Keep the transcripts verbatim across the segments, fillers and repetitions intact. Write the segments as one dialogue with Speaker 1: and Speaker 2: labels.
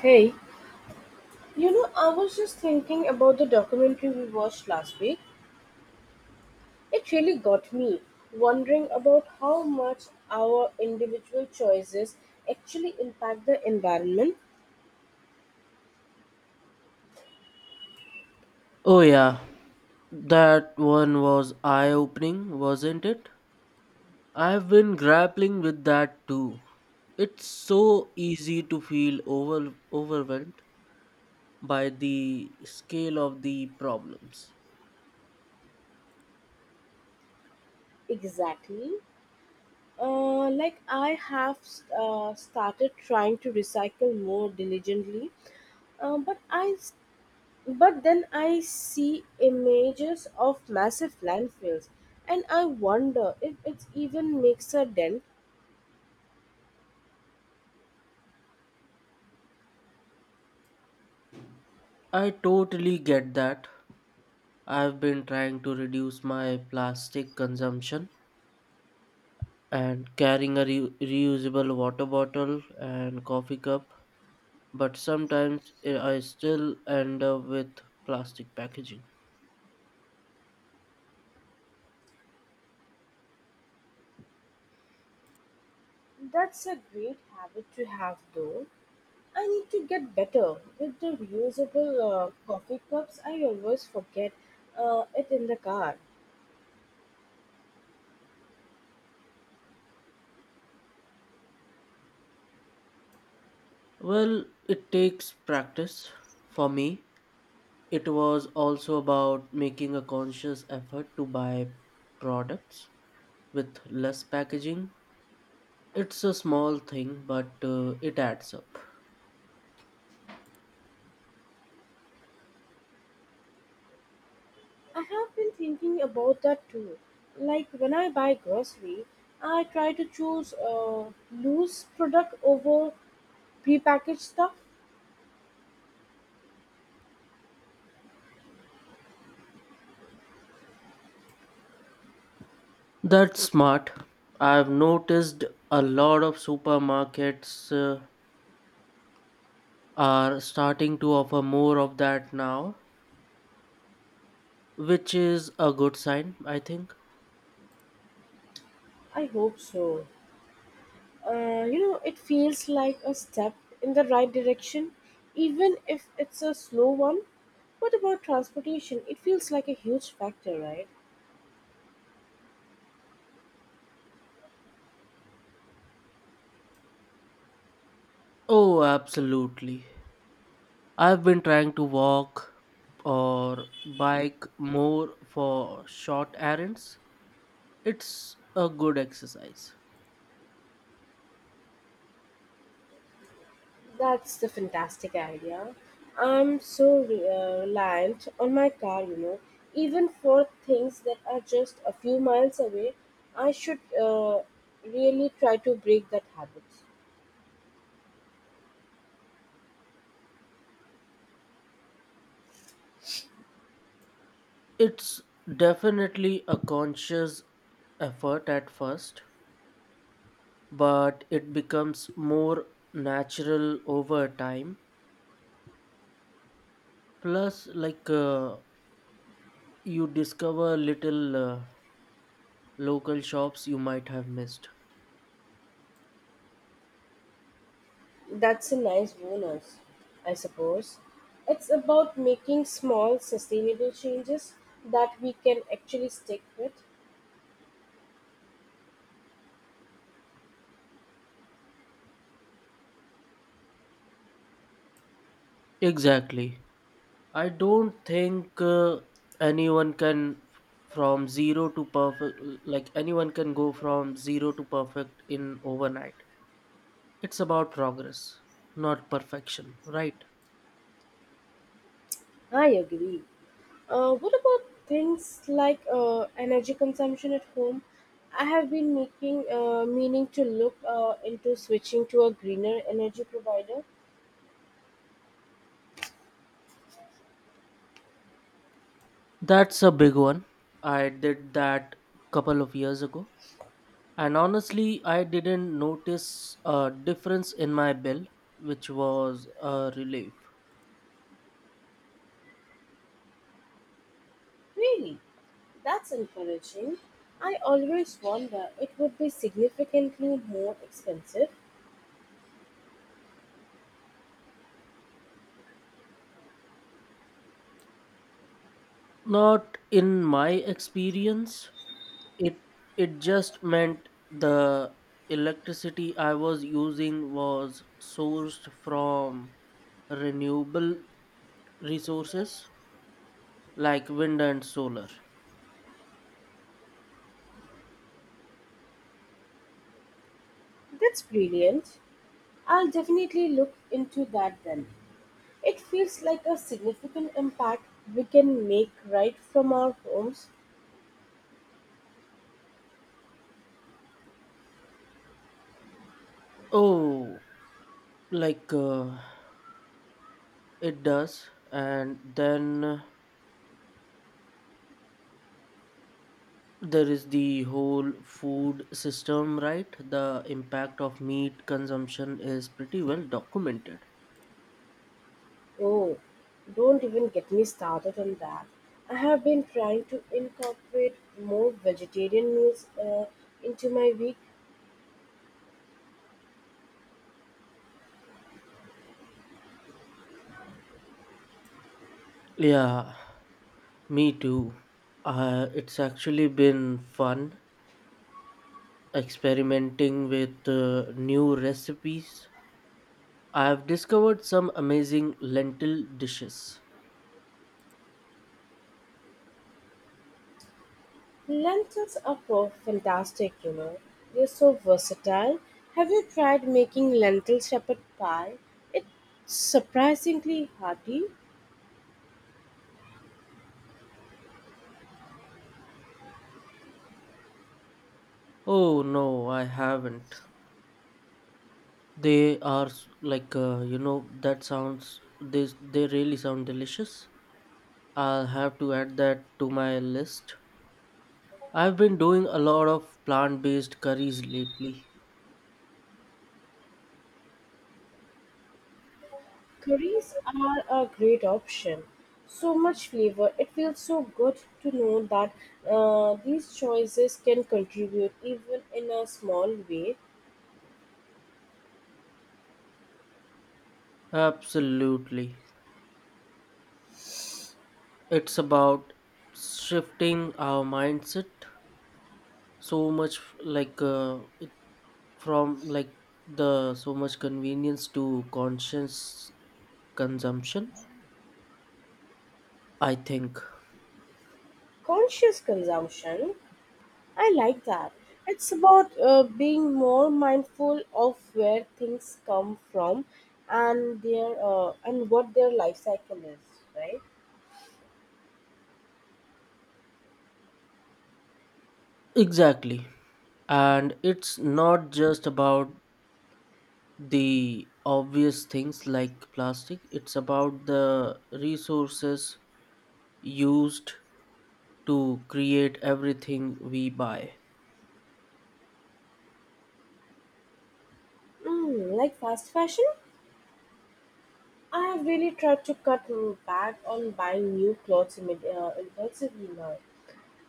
Speaker 1: Hey, you know, I was just thinking about the documentary we watched last week. It really got me wondering about how much our individual choices actually impact the environment.
Speaker 2: Oh, yeah, that one was eye opening, wasn't it? I've been grappling with that too. It's so easy to feel over- overwhelmed by the scale of the problems.
Speaker 1: Exactly. Uh, like, I have uh, started trying to recycle more diligently, uh, but I s- but then I see images of massive landfills, and I wonder if it even makes a dent.
Speaker 2: I totally get that. I've been trying to reduce my plastic consumption and carrying a re- reusable water bottle and coffee cup, but sometimes I I still end up with plastic packaging.
Speaker 1: That's a great habit to have, though. I need to get better with the reusable uh, coffee cups. I always forget uh, it in the car.
Speaker 2: Well, it takes practice. For me, it was also about making a conscious effort to buy products with less packaging. It's a small thing, but uh, it adds up.
Speaker 1: I have been thinking about that too. Like when I buy grocery, I try to choose uh, loose product over prepackaged stuff.
Speaker 2: That's smart. I've noticed a lot of supermarkets uh, are starting to offer more of that now, which is a good sign, I think.
Speaker 1: I hope so. Uh, you know, it feels like a step in the right direction, even if it's a slow one. What about transportation? It feels like a huge factor, right?
Speaker 2: Oh, absolutely. I've been trying to walk or bike more for short errands. It's a good exercise.
Speaker 1: That's the fantastic idea. I'm so re- uh, reliant on my car, you know. Even for things that are just a few miles away, I should uh, really try to break that habit.
Speaker 2: It's definitely a conscious effort at first, but it becomes more natural over time. Plus, like uh, you discover little uh, local shops you might have missed.
Speaker 1: That's a nice bonus, I suppose. It's about making small, sustainable changes that we can actually stick with.
Speaker 2: Exactly. I don't think uh, anyone can f- from zero to perfect, like anyone can go from zero to perfect in overnight. It's about progress, not perfection, right?
Speaker 1: I agree. Uh, what about things like uh, energy consumption at home? I have been making uh, meaning to look uh, into switching to a greener energy provider.
Speaker 2: That's a big one. I did that couple of years ago. And honestly, I didn't notice a difference in my bill, which was a relief.
Speaker 1: Really? That's encouraging. I always wonder it would be significantly more expensive.
Speaker 2: Not in my experience. it it just meant the electricity I was using was sourced from renewable resources like wind and solar.
Speaker 1: That's brilliant. I'll definitely look into that then. It feels like a significant impact we can make right from our homes.
Speaker 2: Oh, like uh, it does. And then there is the whole food system, right? The impact of meat consumption is pretty well documented.
Speaker 1: Oh, don't even get me started on that. I have been trying to incorporate more vegetarian meals uh, into my week.
Speaker 2: Yeah, me too. Uh, it's actually been fun experimenting with uh, new recipes. I have discovered some amazing lentil dishes.
Speaker 1: Lentils are pro- fantastic, you know. They're so versatile. Have you tried making lentil shepherd pie? It's surprisingly hearty.
Speaker 2: Oh no, I haven't. They are s- like uh, you know that sounds they they really sound delicious. I'll have to add that to my list. I've been doing a lot of plant-based curries lately.
Speaker 1: Curries are a great option. So much flavor. It feels so good to know that uh, these choices can contribute, even in a small way.
Speaker 2: Absolutely. It's about shifting our mindset so much like uh, from like the so much convenience to conscious consumption, I think.
Speaker 1: Conscious consumption. I like that. It's about uh, being more mindful of where things come from and their uh, and what their life cycle is, right?
Speaker 2: Exactly, and it's not just about the obvious things like plastic. It's about the resources used to create everything we buy.
Speaker 1: Mm, like fast fashion, I have really tried to cut back on buying new clothes imme- uh, impulsively now.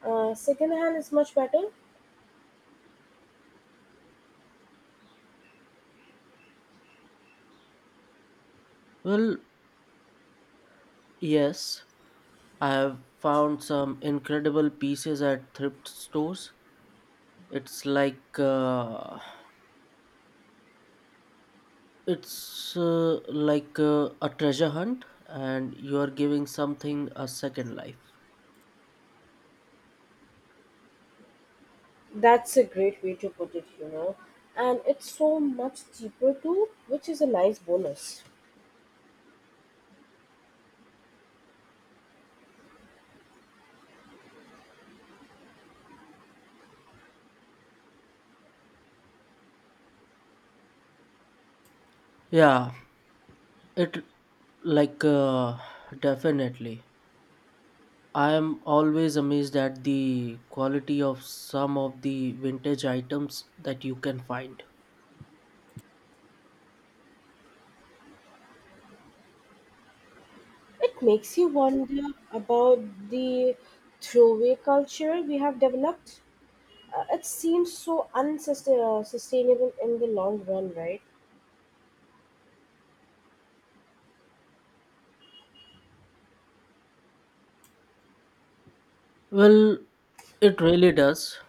Speaker 1: Uh, second hand is much better.
Speaker 2: Well, yes, I have found some incredible pieces at thrift stores. it's like uh, It's uh, like uh, a treasure hunt, and you are giving something a second life.
Speaker 1: That's a great way to put it, you know. And it's so much cheaper too, which is a nice bonus.
Speaker 2: Yeah, it like uh, definitely. I am always amazed at the quality of some of the vintage items that you can find.
Speaker 1: It makes you wonder about the throwaway culture we have developed. Uh, it seems so unsustainable uh, sustainable in the long run, right?
Speaker 2: Well, it really does.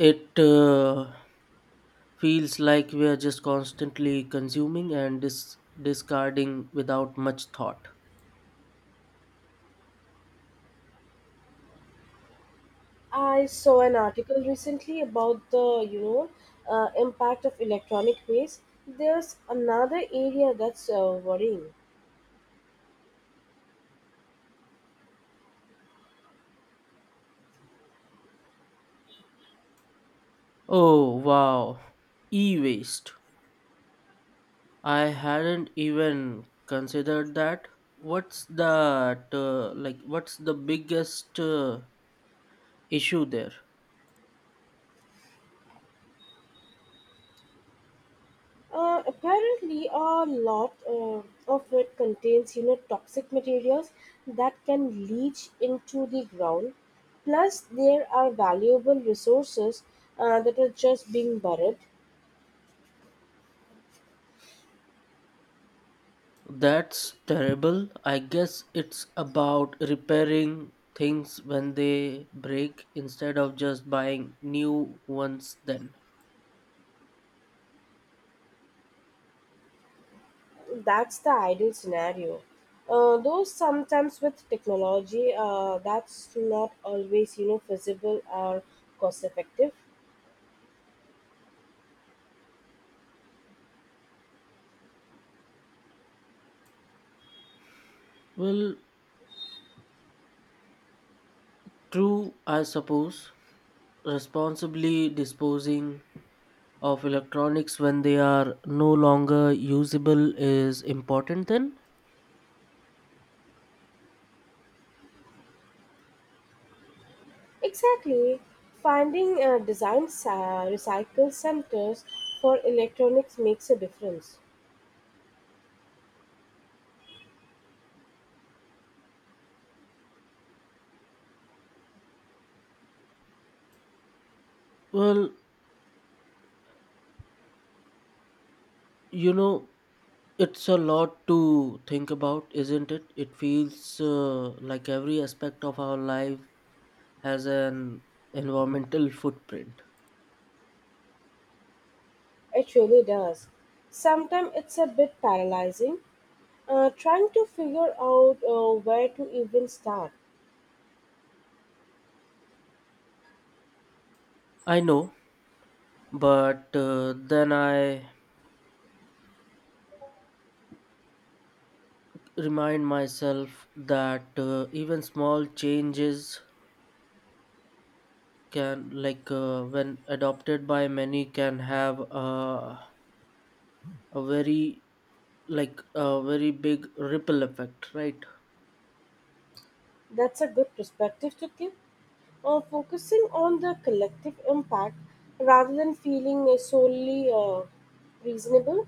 Speaker 2: It uh, feels like we are just constantly consuming and dis- discarding without much thought.
Speaker 1: I saw an article recently about the, you know, uh, impact of electronic waste. There's another area that's uh, worrying.
Speaker 2: Oh, wow. E waste. I hadn't even considered that. What's that uh, like what's the biggest uh, issue there?
Speaker 1: Uh, apparently, a lot uh, of it contains, you know, toxic materials that can leach into the ground. Plus, there are valuable resources uh, that are just being buried.
Speaker 2: That's terrible. I guess it's about repairing things when they break instead of just buying new ones then.
Speaker 1: That's the ideal scenario. Uh, though sometimes with technology, uh, that's not always, you know, feasible or cost effective.
Speaker 2: Well, true, I suppose. Responsibly disposing of electronics when they are no longer usable is important then.
Speaker 1: Exactly. Finding uh, design sa- recycle centers for electronics makes a difference.
Speaker 2: Well, you know, it's a lot to think about, isn't it? It feels uh, like every aspect of our life has an environmental footprint.
Speaker 1: It really does. Sometimes it's a bit paralyzing, uh, trying to figure out uh, where to even start.
Speaker 2: I know, but uh, then I remind myself that uh, even small changes can, like uh, when adopted by many, can have uh, a very like a very big ripple effect, right?
Speaker 1: That's a good perspective to keep, uh, focusing on the collective impact rather than feeling uh, solely uh, reasonable.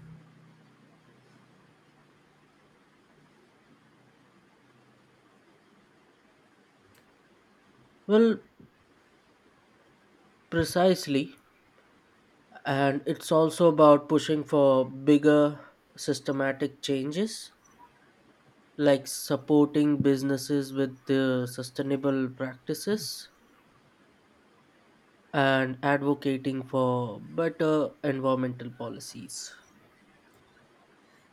Speaker 2: Well, precisely, and it's also about pushing for bigger systematic changes, like supporting businesses with the sustainable practices and advocating for better environmental policies.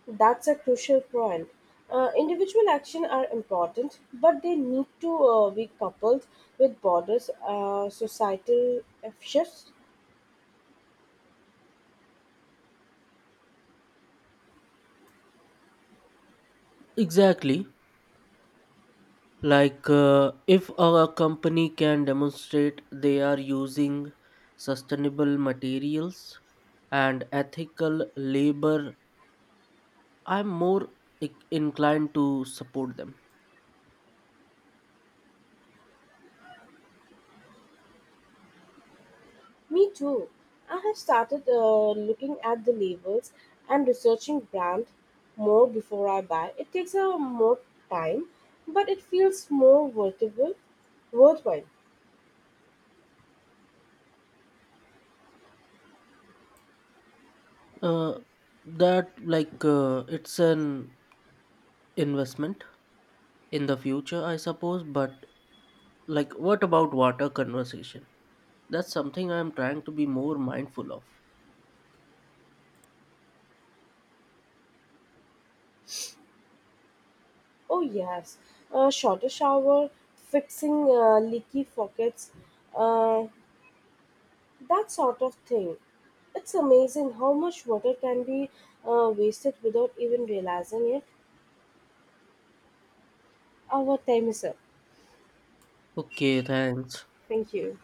Speaker 1: That's a crucial point. Uh, individual action are important, but they need to uh, be coupled with broader uh, societal shifts.
Speaker 2: Exactly. like uh, if a company can demonstrate they are using sustainable materials and ethical labor, I'm more i- inclined to support them.
Speaker 1: Me too. I have started uh, looking at the labels and researching brand more before I buy. It takes a more time, but it feels more worthwhile. Worthwhile.
Speaker 2: Uh, that like uh, it's an investment in the future, I suppose. But like, what about water conversation? That's something I'm trying to be more mindful of.
Speaker 1: Oh yes, a shorter shower, fixing uh, leaky faucets, uh, that sort of thing. It's amazing how much water can be uh, wasted without even realizing it. Our time is up.
Speaker 2: Okay, thanks.
Speaker 1: Thank you.